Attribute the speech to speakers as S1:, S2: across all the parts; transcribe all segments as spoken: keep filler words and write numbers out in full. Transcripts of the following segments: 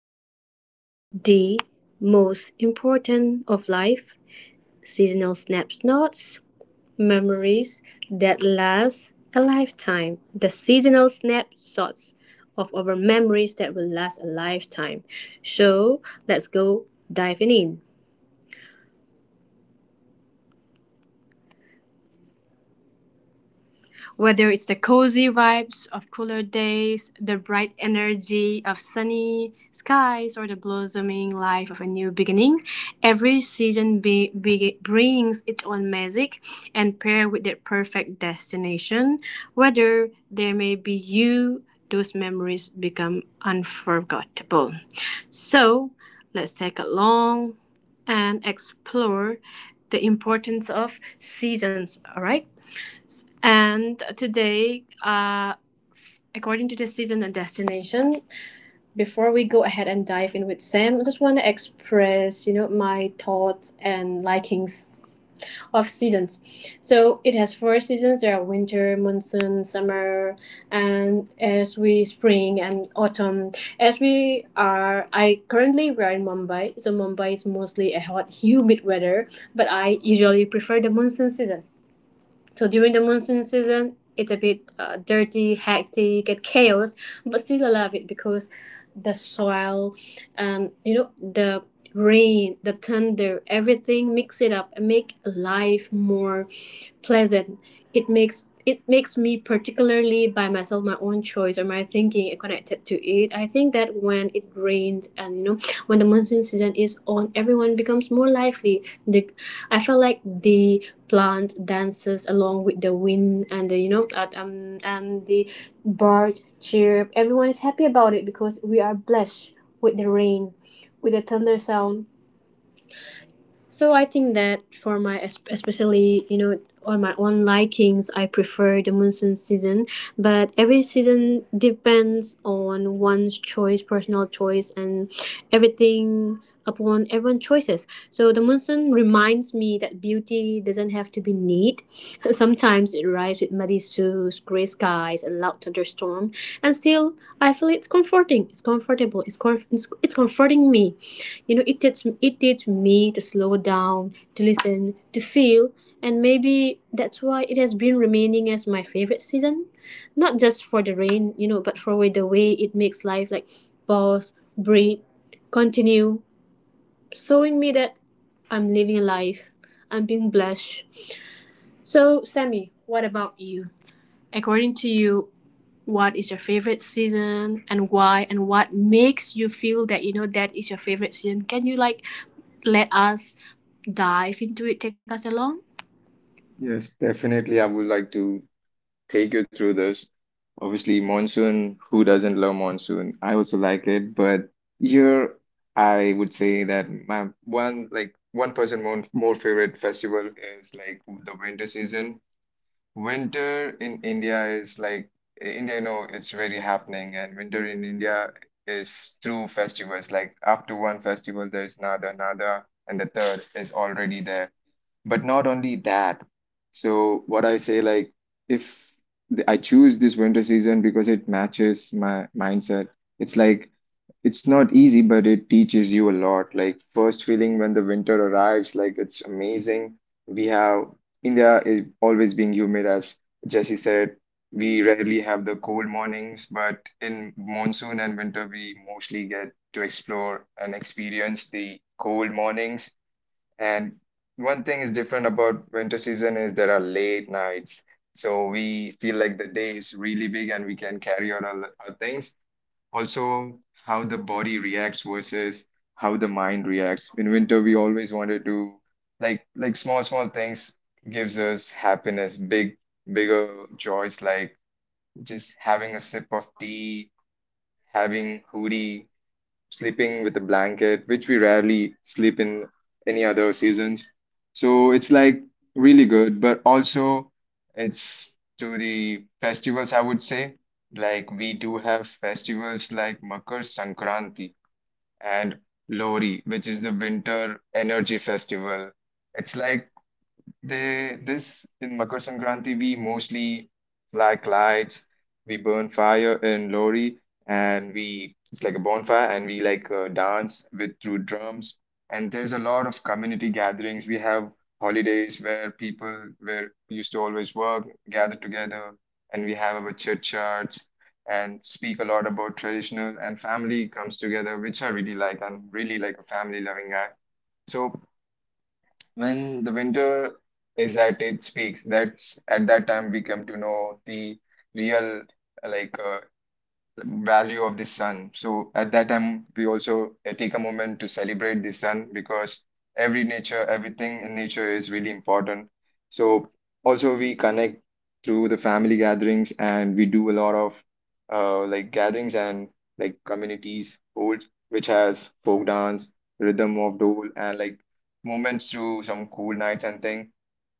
S1: about the most important of life seasonal snapshots, memories that last a lifetime. The seasonal snapshots of our memories that will last a lifetime. So, let's go diving in. Whether it's the cozy vibes of cooler days, the bright energy of sunny skies, or the blossoming life of a new beginning, every season be, be- brings its own magic and pair with their perfect destination. Whether there may be you, those memories become unforgettable. So, let's take a long and explore the importance of seasons, all right? And today, uh, according to the season and destination, before we go ahead and dive in with Sam, I just want to express, you know, my thoughts and likings of seasons. So it has four seasons. There are winter, monsoon, summer, and as we spring and autumn. As we are, I currently we are in Mumbai, so Mumbai is mostly a hot, humid weather. But I usually prefer the monsoon season. So during the monsoon season, it's a bit uh, dirty, hectic, and chaos, but still I love it because the soil, um, you know, the rain, the thunder, everything mix it up and make life more pleasant. It makes it makes me, particularly by myself, my own choice or my thinking connected to it. I think that when it rains, and you know when the monsoon season is on, everyone becomes more lively. The I feel like the plant dances along with the wind and the you know uh, um, and the bird chirp. Everyone is happy about it because we are blessed with the rain, with the thunder sound. So I think that for my es- especially, you know on my own likings, I prefer the monsoon season. But every season depends on one's choice, personal choice, and everything upon everyone's choices. So the monsoon reminds me that beauty doesn't have to be neat. Sometimes it arrives with muddy shoes, gray skies, and loud thunderstorm, and still I feel it's comforting. It's comfortable. It's com- it's, it's comforting me. You know it takes it takes me to slow down, to listen, to feel. And maybe that's why it has been remaining as my favorite season, not just for the rain, you know but for the way it makes life, like, pause, breathe, continue, showing me that I'm living a life, I'm being blessed. So Sammy, what about you? According to you, what is your favorite season and why, and what makes you feel that, you know that is your favorite season? Can you like let us dive into it, take us along?
S2: Yes, definitely. I would like to take you through this. Obviously, monsoon, who doesn't love monsoon? I also like it, but here I would say that my one like one person more, more favorite festival is like the winter season. Winter in India is like India, you know, it's really happening, and winter in India is through festivals. Like after one festival, there's another, another, and the third is already there. But not only that. So what I say, like if th- I choose this winter season because it matches my mindset, it's like it's not easy, but it teaches you a lot. Like first feeling when the winter arrives, like it's amazing. We have India is always being humid, as Jesse said. We rarely have the cold mornings, but in monsoon and winter, we mostly get to explore and experience the cold mornings. And one thing is different about winter season is there are late nights. So we feel like the day is really big and we can carry out our, our things also, how the body reacts versus how the mind reacts. In winter we always wanted to like like small small things, gives us happiness, big bigger joys like just having a sip of tea, having hoodie, sleeping with a blanket, which we rarely sleep in any other seasons. So it's like really good, but also it's to the festivals, I would say. Like we do have festivals like Makar Sankranti and Lori, which is the winter energy festival. It's like they this in Makar Sankranti we mostly like lights, we burn fire in lori, and we it's like a bonfire, and we like uh, dance with through drums. And there's a lot of community gatherings. We have holidays where people where used to always work gather together, and we have our churchyards and speak a lot about traditional and family comes together, which I really like. I'm really like a family loving guy. So when the winter is at its peaks, that's at that time we come to know the real like uh, value of the sun. So at that time, we also uh, take a moment to celebrate the sun because every nature, everything in nature is really important. So also we connect through the family gatherings and we do a lot of uh, like gatherings and like communities hold, which has folk dance, rhythm of dole, and like moments through some cool nights and things.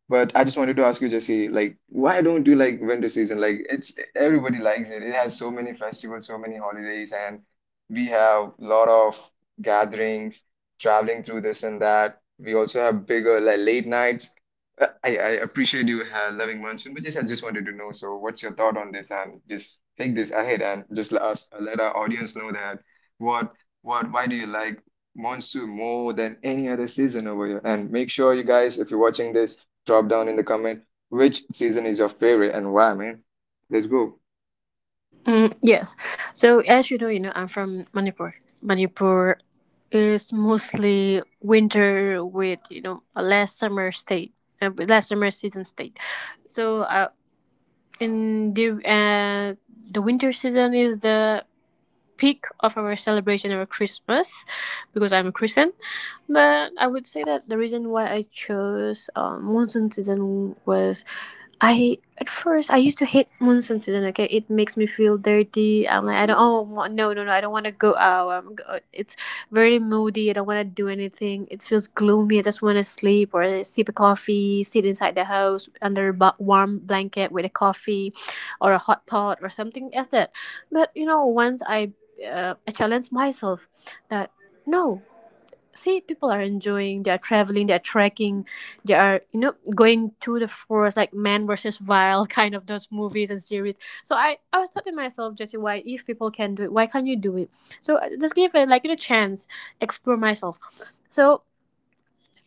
S2: But I just wanted to ask you, Jesse, like, why don't you like winter season? Like, it's everybody likes it. It has so many festivals, so many holidays, and we have a lot of gatherings, traveling through this and that. We also have bigger like late nights. Uh, I, I appreciate you uh, loving monsoon, but just I just wanted to know. So, what's your thought on this? And just take this ahead and just let us uh, let our audience know that what what why do you like monsoon more than any other season over here? And make sure you guys, if you're watching this, drop down in the comment which season is your favorite and why, man. Let's go.
S1: Mm, yes. So as you know, you know, I'm from Manipur. Manipur is mostly winter with you know a less summer state, uh, less summer season state. So uh, in the uh, the winter season is the peak of our celebration of Christmas because I'm a Christian. But I would say that the reason why I chose um, monsoon season was, I at first I used to hate monsoon season. Okay, it makes me feel dirty. I'm like, I don't, oh wa- no, no, no, I don't want to go out. I'm, go- it's very moody. I don't want to do anything. It feels gloomy. I just want to sleep or sip a coffee, sit inside the house under a bu- warm blanket with a coffee, or a hot pot or something as that. But you know once I uh, I challenge myself, that no, see, people are enjoying, they are traveling, they are trekking, they are, you know, going to the forest, like Man versus Wild kind of those movies and series. So I, I was thought to myself, just why, if people can do it, why can't you do it? So I just give it like a chance, explore myself. So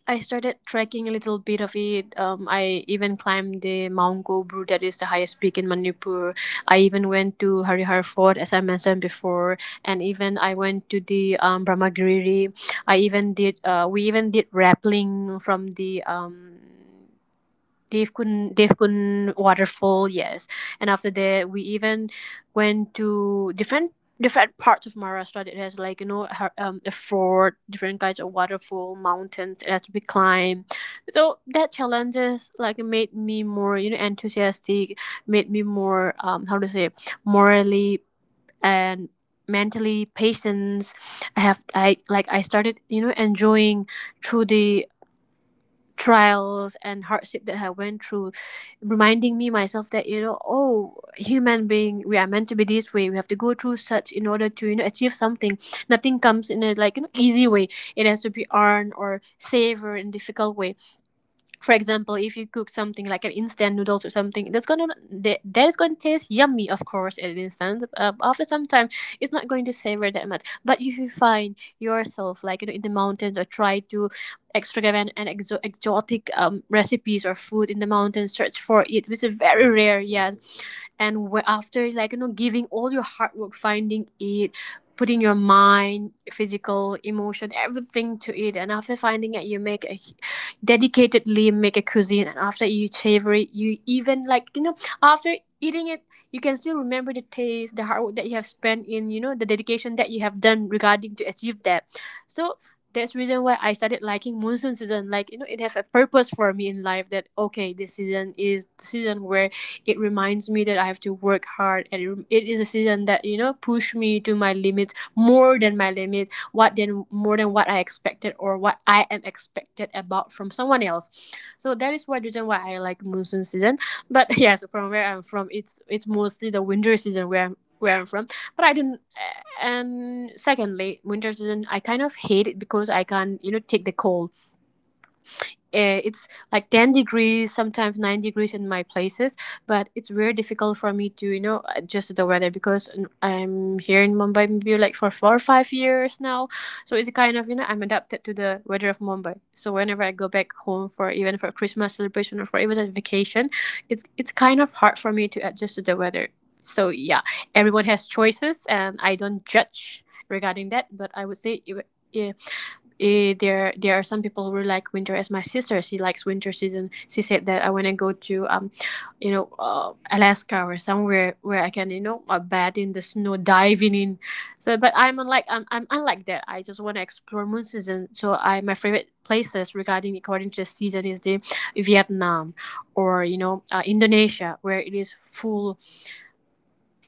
S1: I started trekking a little bit of it. Um, I even climbed the Mount Gobru, that is the highest peak in Manipur. I even went to Harihar Fort, as I mentioned before, and even I went to the um, Brahmagiri. I even did. Uh, we even did rappelling from the um Devkun Devkun waterfall, yes. And after that, we even went to different different parts of Maharashtra that has like, you know her- um, a fort, different kinds of waterfall, mountains that has to be climbed. So that challenges like made me more, you know enthusiastic, made me more, um how to say, morally and mentally patience. I have I like I started, you know enjoying through the trials and hardship that I went through, reminding me myself that, you know, oh, human being, we are meant to be this way. We have to go through such in order to, you know achieve something. Nothing comes in a, like, you know, easy way. It has to be earned or savored in difficult way. For example, if you cook something like an instant noodles or something, that's gonna that, that is going to taste yummy, of course, at an instant. Uh, after some time, it's not going to savor that much. But if you find yourself, like, you know in the mountains, or try to extravagant and exo- exotic um, recipes or food in the mountains, search for it, which is very rare, yes. And wh- after, like, you know giving all your hard work, finding it, putting your mind, physical, emotion, everything to it, and after finding it, you make a hu- dedicatedly make a cuisine. And after you savor it, you even, like, you know after eating it, you can still remember the taste, the hard work that you have spent in, you know the dedication that you have done regarding to achieve that. So that's reason why I started liking monsoon season. Like, you know, it has a purpose for me in life. That okay, this season is the season where it reminds me that I have to work hard, and it, it is a season that, you know push me to my limits, more than my limits, what than more than what I expected or what I am expected about from someone else. So that is one reason why I like monsoon season. But yes, from where I'm from, it's it's mostly the winter season where I'm where I'm from. But I didn't. And secondly, winter season I kind of hate it because I can't, you know take the cold. Eh, it's like ten degrees, sometimes nine degrees in my places. But it's very difficult for me to, you know adjust to the weather, because n- I'm here in Mumbai maybe like for four or five years now. So it's kind of, you know I'm adapted to the weather of Mumbai. So whenever I go back home for even for Christmas celebration or for even a vacation, it's it's kind of hard for me to adjust to the weather. So yeah, everyone has choices and I don't judge regarding that. But I would say, if- yeah, eh, there there are some people who really like winter, as my sister, she likes winter season. She said that I want to go to, um you know, uh, Alaska, or somewhere where I can, you know, uh, bathe in the snow diving in. So but i'm unlike i'm, I'm unlike that. I just want to explore moon season. So I my favorite places regarding according to the season is the Vietnam, or you know uh, Indonesia, where it is full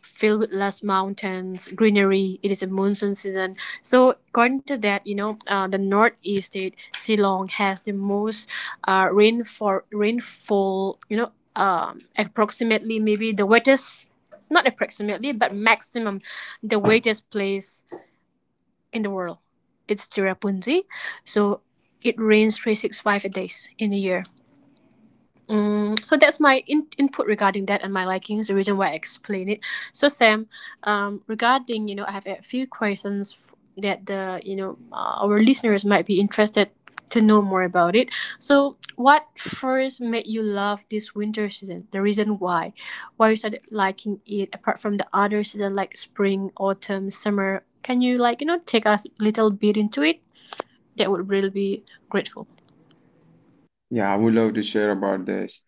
S1: filled with lush mountains, greenery. It is a monsoon season. So according to that, you know, uh, the northeast state, Shillong, has the most, uh, rainfall, rainfall, you know, um, approximately, maybe the wettest, not approximately, but maximum, the wettest place in the world. It's Tirappunzi. So it rains three hundred sixty-five days in a year. Mm, so that's my in- input regarding that and my likings, the reason why I explain it. So Sam, um, regarding, you know, I have a few questions f- that the you know uh, our listeners might be interested to know more about it. So what first made you love this winter season? The reason why, why you started liking it apart from the other season like spring, autumn, summer. Can you, like, you know take us a little bit into it? That would really be grateful.
S2: Yeah, I would love to share about this.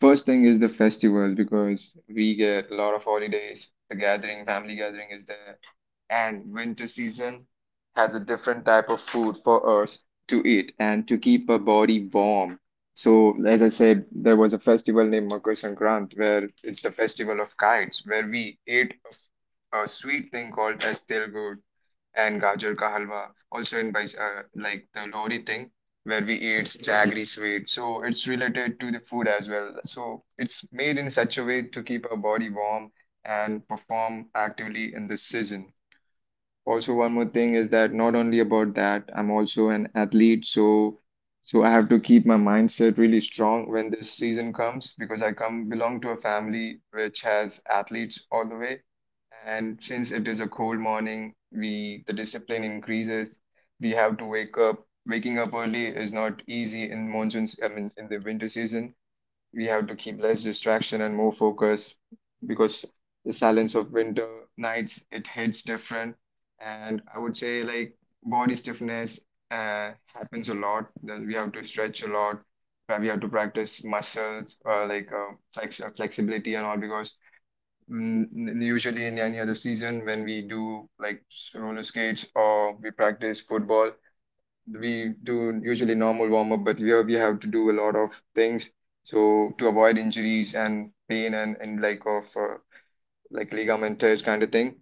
S2: First thing is the festivals because we get a lot of holidays. The gathering, family gathering is there. And winter season has a different type of food for us to eat and to keep our body warm. So, as I said, there was a festival named Makar Sankranti where it's the festival of kites, where we ate a, f- a sweet thing called as Tilgur, and gajar ka halwa, also in Bais- uh, like the Lohri thing, where we eat jaggery sweet. So it's related to the food as well. So it's made in such a way to keep our body warm and perform actively in this season. Also, one more thing is that not only about that, I'm also an athlete, so so I have to keep my mindset really strong when this season comes because I come belong to a family which has athletes all the way. And since it is a cold morning, we the discipline increases. We have to wake up. Waking up early is not easy in monsoons, I mean, in the winter season we have to keep less distraction and more focus because the silence of winter nights, it hits different. And I would say like body stiffness uh, happens a lot, then we have to stretch a lot, but we have to practice muscles or like uh, flex uh, flexibility and all because mm, n- usually in any other season when we do like roller skates or we practice football, we do usually normal warm up, but here we have to do a lot of things so to avoid injuries and pain and, and like of uh, like ligament tears kind of thing.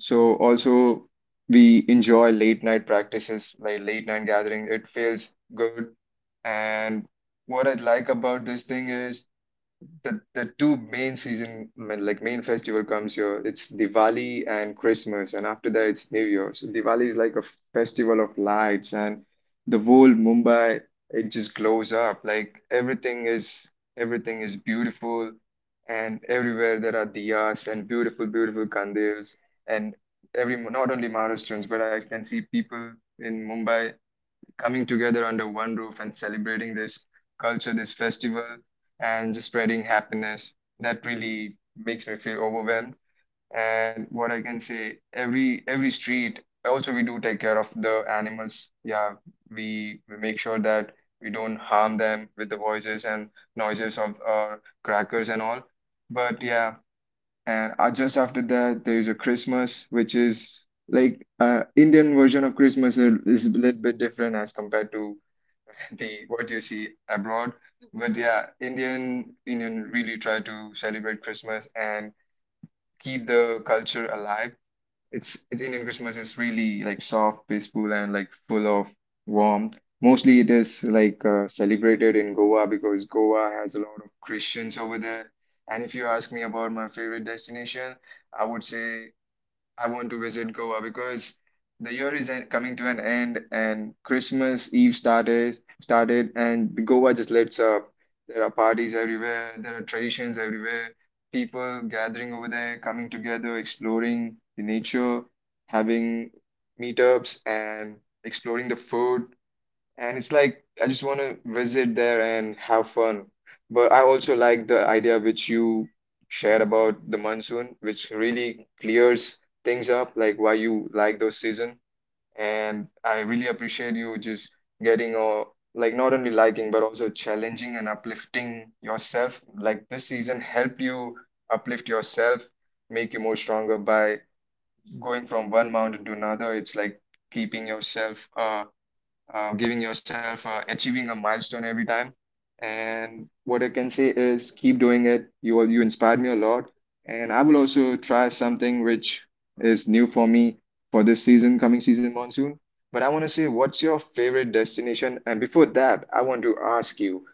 S2: So also we enjoy late night practices like late night gathering. It feels good. And what I like about this thing is the the two main season ma- like main festival comes here, it's Diwali and Christmas, and after that it's New Year. So Diwali is like a festival of lights and the whole Mumbai, it just glows up, like everything is everything is beautiful, and everywhere there are diyas and beautiful beautiful candles, and every not only Maharashtrians but I can see people in Mumbai coming together under one roof and celebrating this culture, this festival, and just spreading happiness. That really makes me feel overwhelmed. And what I can say, every every street, also we do take care of the animals. Yeah, we we make sure that we don't harm them with the voices and noises of our crackers and all. But yeah, and uh, just after that, there is a Christmas, which is like uh, Indian version of Christmas, is is a little bit different as compared to the what you see abroad. But yeah, Indian Indian really try to celebrate Christmas and keep the culture alive. It's, it's Indian Christmas is really like soft, peaceful, and like full of warmth. Mostly, it is like uh, celebrated in Goa because Goa has a lot of Christians over there. And if you ask me about my favorite destination, I would say I want to visit Goa because the year is en- coming to an end and Christmas Eve started started and Goa just lights up. There are parties everywhere, there are traditions everywhere, people gathering over there, coming together, exploring the nature, having meetups and exploring the food. And it's like I just want to visit there and have fun. But I also like the idea which you shared about the monsoon, which really clears things up, like why you like those season. And I really appreciate you just getting or like not only liking but also challenging and uplifting yourself. Like this season help you uplift yourself, make you more stronger by going from one mountain to another. It's like keeping yourself uh uh, giving yourself a, achieving a milestone every time. And what I can say is keep doing it. You you inspired me a lot, and I will also try something which is new for me for this season, coming season monsoon. But I want to say, what's your favorite destination? And before that, I want to ask you,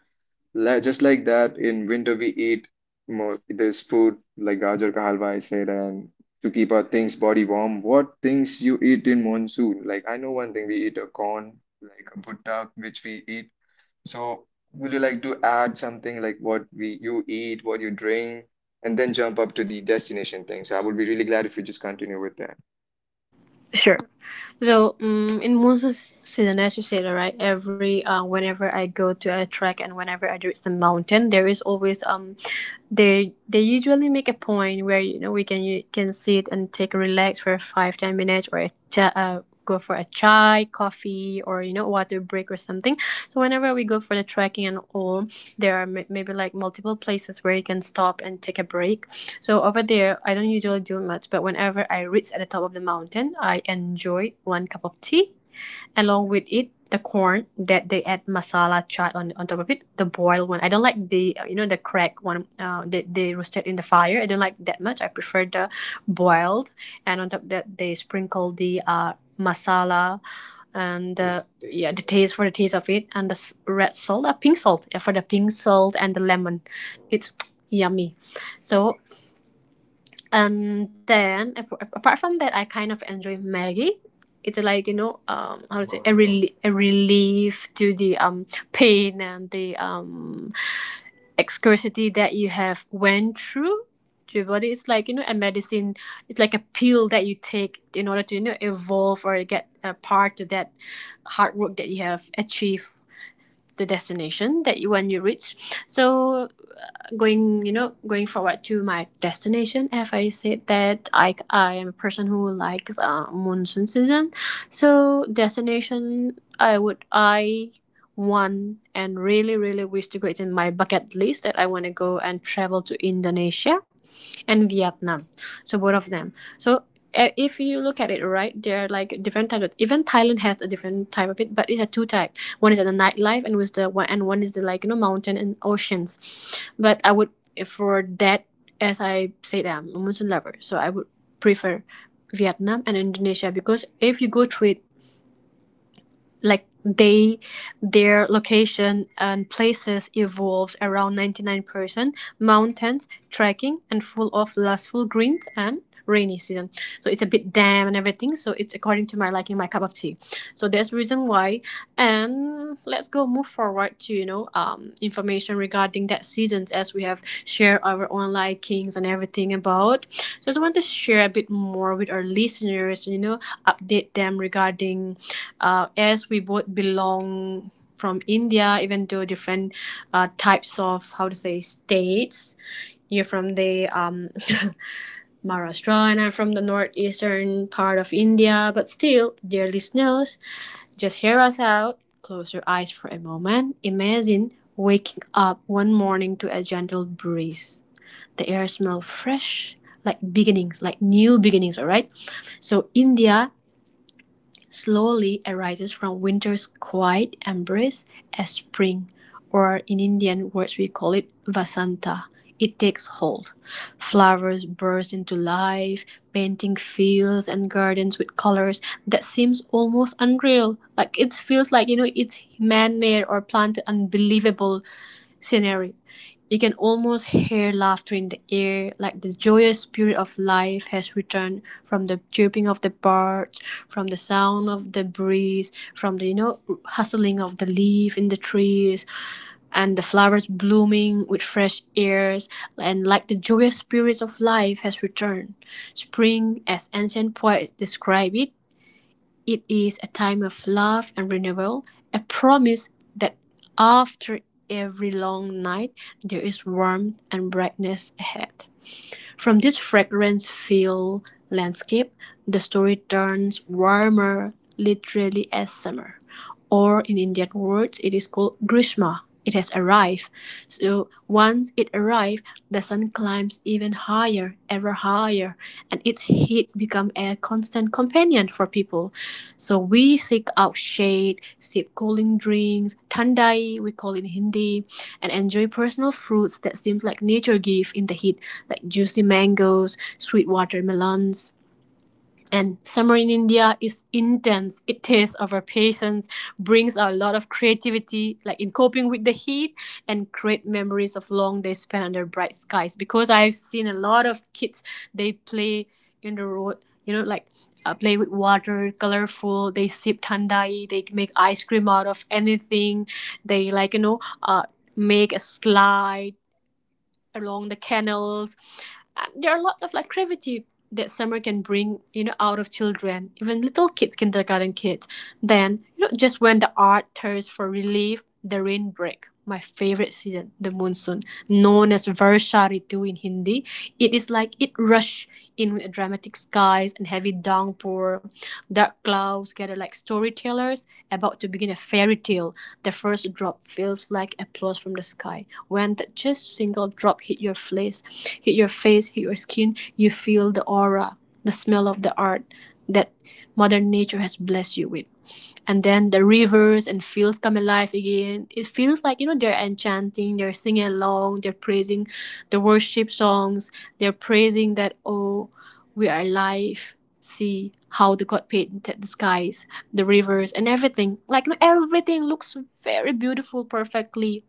S2: Li- just like that, in winter we eat more. There's food like gajar ka halwa, I said, and to keep our things body warm. What things you eat in monsoon? Like I know one thing, we eat a corn, like a bhutta, which we eat. So would you like to add something like what we you eat, what you drink, and then jump up to the destination thing? So I would be really glad if you just continue with that.
S1: Sure. So, um, in monsoon s- season, as you said, right, every uh, whenever I go to a track and whenever I reach the mountain, there is always, um, they they usually make a point where, you know we can you can sit and take relax for five ten minutes, or a cha- uh, go for a chai, coffee, or, you know water break or something. So whenever we go for the trekking and all, there are m- maybe like multiple places where you can stop and take a break. So over there, I don't usually do much, but whenever I reach at the top of the mountain, I enjoy one cup of tea. Along with it, the corn that they add masala chai on, on top of it, the boiled one. I don't like the uh, you know the cracked one. Uh, they they roasted in the fire. I don't like that much. I prefer the boiled. And on top of that, they sprinkle the uh masala and uh, yeah the taste for the taste of it and the red salt, uh, pink salt, yeah, for the pink salt and the lemon. It's yummy. So, and then ap- apart from that, I kind of enjoy Maggie. It's like you know, um, how to say a, rel- a relief to the um pain and the um excurity that you have went through to your body. It's like you know a medicine. It's like a pill that you take in order to you know evolve or get a part to that hard work that you have achieved the destination that you when you reach. So going you know going forward to my destination, if I said that i i am a person who likes uh, monsoon season, so destination i would i want and really really wish to go, it's in my bucket list that I want to go and travel to Indonesia and Vietnam. So both of them. So uh, if you look at it, right, there are like different types. Of, even Thailand has a different type of it, but it's a two type. One is the nightlife, and was the one, and one is the like you know mountain and oceans. But I would, eh, for that, as I said, I'm a Muslim lover, so I would prefer Vietnam and Indonesia because if you go through it, like they their location and places evolves around ninety-nine percent mountains trekking and full of lustful greens and rainy season, so it's a bit damp and everything, so it's according to my liking, my cup of tea. So that's the reason why. And let's go move forward to you know um information regarding that seasons. As we have shared our own likings and everything about, so I just want to share a bit more with our listeners, you know update them regarding, uh, as we both belong from India, even though different uh, types of, how to say, states. You're from the um, Maharashtra, and I'm from the northeastern part of India. But still, dear listeners, just hear us out. Close your eyes for a moment. Imagine waking up one morning to a gentle breeze. The air smells fresh, like beginnings, like new beginnings. All right. So India slowly arises from winter's quiet embrace as spring, or in Indian words we call it Vasanta. It takes hold. Flowers burst into life, painting fields and gardens with colors that seems almost unreal. Like it feels like you know it's man-made or planted, unbelievable scenery. You can almost hear laughter in the air, like the joyous spirit of life has returned, from the chirping of the birds, from the sound of the breeze, from the you know hustling of the leaf in the trees, and the flowers blooming with fresh airs, and like the joyous spirits of life has returned. Spring, as ancient poets describe it, it is a time of love and renewal, a promise that after every long night there is warmth and brightness ahead. From this fragrance-filled landscape, the story turns warmer literally as summer, or in Indian words, it is called Grishma. It has arrived. So once it arrived, the sun climbs even higher, ever higher, and its heat becomes a constant companion for people. So we seek out shade, sip cooling drinks, thandai, we call it in Hindi, and enjoy personal fruits that seem like nature gave in the heat, like juicy mangoes, sweet watermelons, and summer in India is intense. It tests our patience, brings out a lot of creativity, like in coping with the heat, and create memories of long days spent under bright skies. Because I've seen a lot of kids, they play in the road, you know, like, uh, play with water, colorful. They sip thandai, they make ice cream out of anything. They, like, you know, uh, make a slide along the canals. Uh, there are lots of like creativity that summer can bring, you know, out of children, even little kids, kindergarten kids. Then, you know, just when the art thirsts for relief, the rain break. My favorite season, the monsoon, known as Varsha Ritu in Hindi. It is like it rush in with dramatic skies and heavy downpour. Dark clouds gather like storytellers about to begin a fairy tale. The first drop feels like applause from the sky. When that just single drop hit your face, hit your face, hit your skin, you feel the aura, the smell of the art that Mother Nature has blessed you with. And then the rivers and fields come alive again. It feels like, you know, they're enchanting, they're singing along, they're praising the worship songs, they're praising that, oh, we are alive. See how the God painted the skies, the rivers, and everything. Like, you know, everything looks very beautiful, perfectly.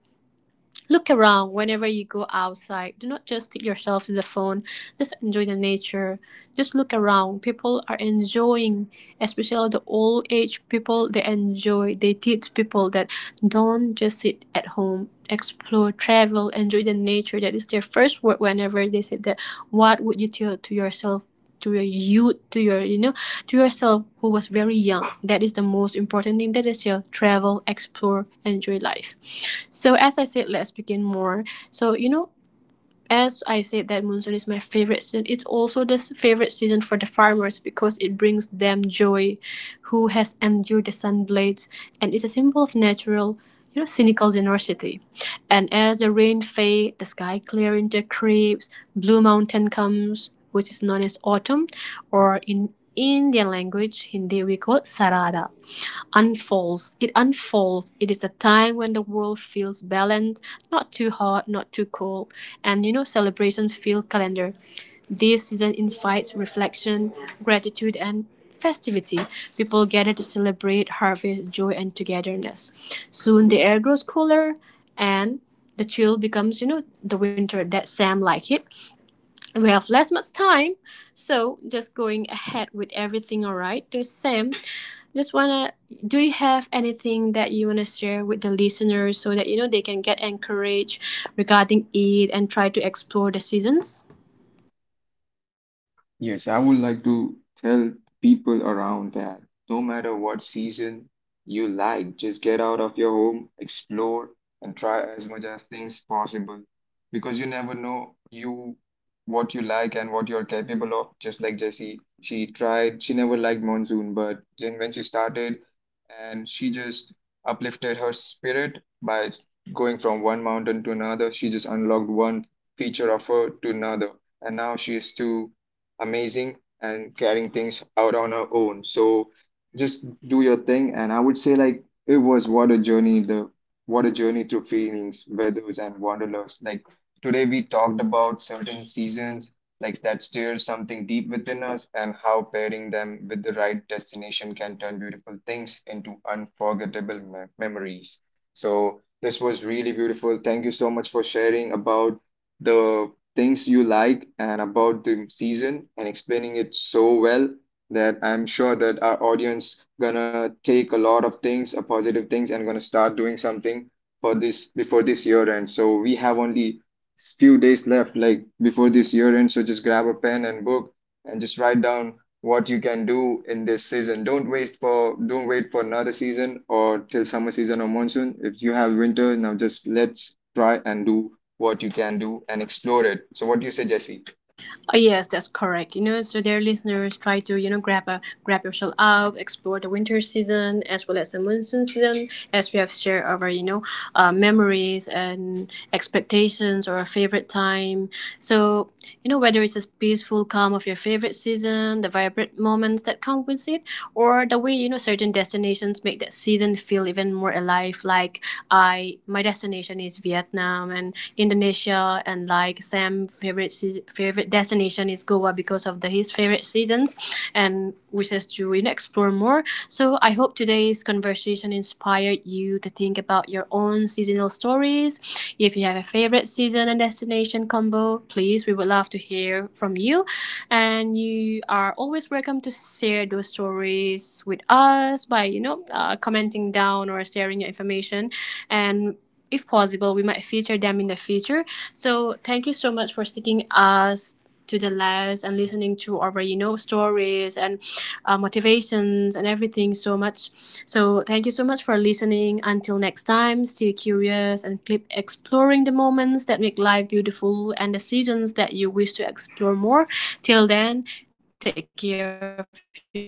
S1: Look around whenever you go outside. Do not just stick yourself to the phone. Just enjoy the nature. Just look around. People are enjoying, especially the old age people, they enjoy. They teach people that don't just sit at home, explore, travel, enjoy the nature. That is their first word whenever they say that. What would you tell to yourself, to your youth, to your, you know, to yourself who was very young. That is the most important thing. That is your travel, explore, enjoy life. So as I said, let's begin more. So, you know, as I said that monsoon is my favorite season, it's also the favorite season for the farmers because it brings them joy, who has endured the sun blades, and it's a symbol of natural, you know, cynical generosity. And as the rain fades, the sky clear into creeps, blue mountain comes, which is known as autumn, or in Indian language, Hindi, we call it Sarada unfolds. It unfolds. It is a time when the world feels balanced, not too hot, not too cold. And you know, celebrations feel calendar. This season invites reflection, gratitude, and festivity. People gather to celebrate harvest, joy, and togetherness. Soon the air grows cooler and the chill becomes, you know, the winter that Sam like it. We have less much time, so just going ahead with everything. All right, so Sam, just wanna, do you have anything that you wanna share with the listeners so that you know they can get encouraged regarding it and try to explore the seasons?
S2: Yes, I would like to tell people around that no matter what season you like, just get out of your home, explore, and try as much as things possible because you never know you what you like and what you're capable of. Just like Jessie, she tried, she never liked monsoon, but then when she started and she just uplifted her spirit by going from one mountain to another, she just unlocked one feature of her to another and now she is to amazing and carrying things out on her own. So just do your thing. And I would say like it was what a journey, the what a journey through feelings, weathers and wanderlust. Like today we talked about certain seasons like that stir something deep within us and how pairing them with the right destination can turn beautiful things into unforgettable me- memories. So this was really beautiful. Thank you so much for sharing about the things you like and about the season and explaining it so well that I'm sure that our audience gonna take a lot of things, a positive things, and gonna start doing something for this before this year ends. So we have only s- few days left, like before this year ends. So just grab a pen and book and just write down what you can do in this season. Don't wait for don't wait for another season or till summer season or monsoon. If you have winter, now just let's try and do what you can do and explore it. So what do you say, Jesse?
S1: Oh yes, that's correct. You know, so their listeners, try to you know grab a, grab yourself out, explore the winter season as well as the monsoon season, as we have shared our you know uh, memories and expectations or our favorite time. So you know whether it's a peaceful calm of your favorite season, the vibrant moments that come with it, or the way you know certain destinations make that season feel even more alive. Like I, my destination is Vietnam and Indonesia, and like Sam favorite favorite destination is Goa because of the his favorite seasons and wishes to, you know, explore more. So I hope today's conversation inspired you to think about your own seasonal stories. If you have a favorite season and destination combo, please we would love to hear from you. And you are always welcome to share those stories with us by you know uh, commenting down or sharing your information, and if possible, we might feature them in the future. So thank you so much for sticking us to the last and listening to our you know stories and uh, motivations and everything so much. So thank you so much for listening. Until next time, stay curious and keep exploring the moments that make life beautiful and the seasons that you wish to explore more. Till then, take care of yourself and bye bye.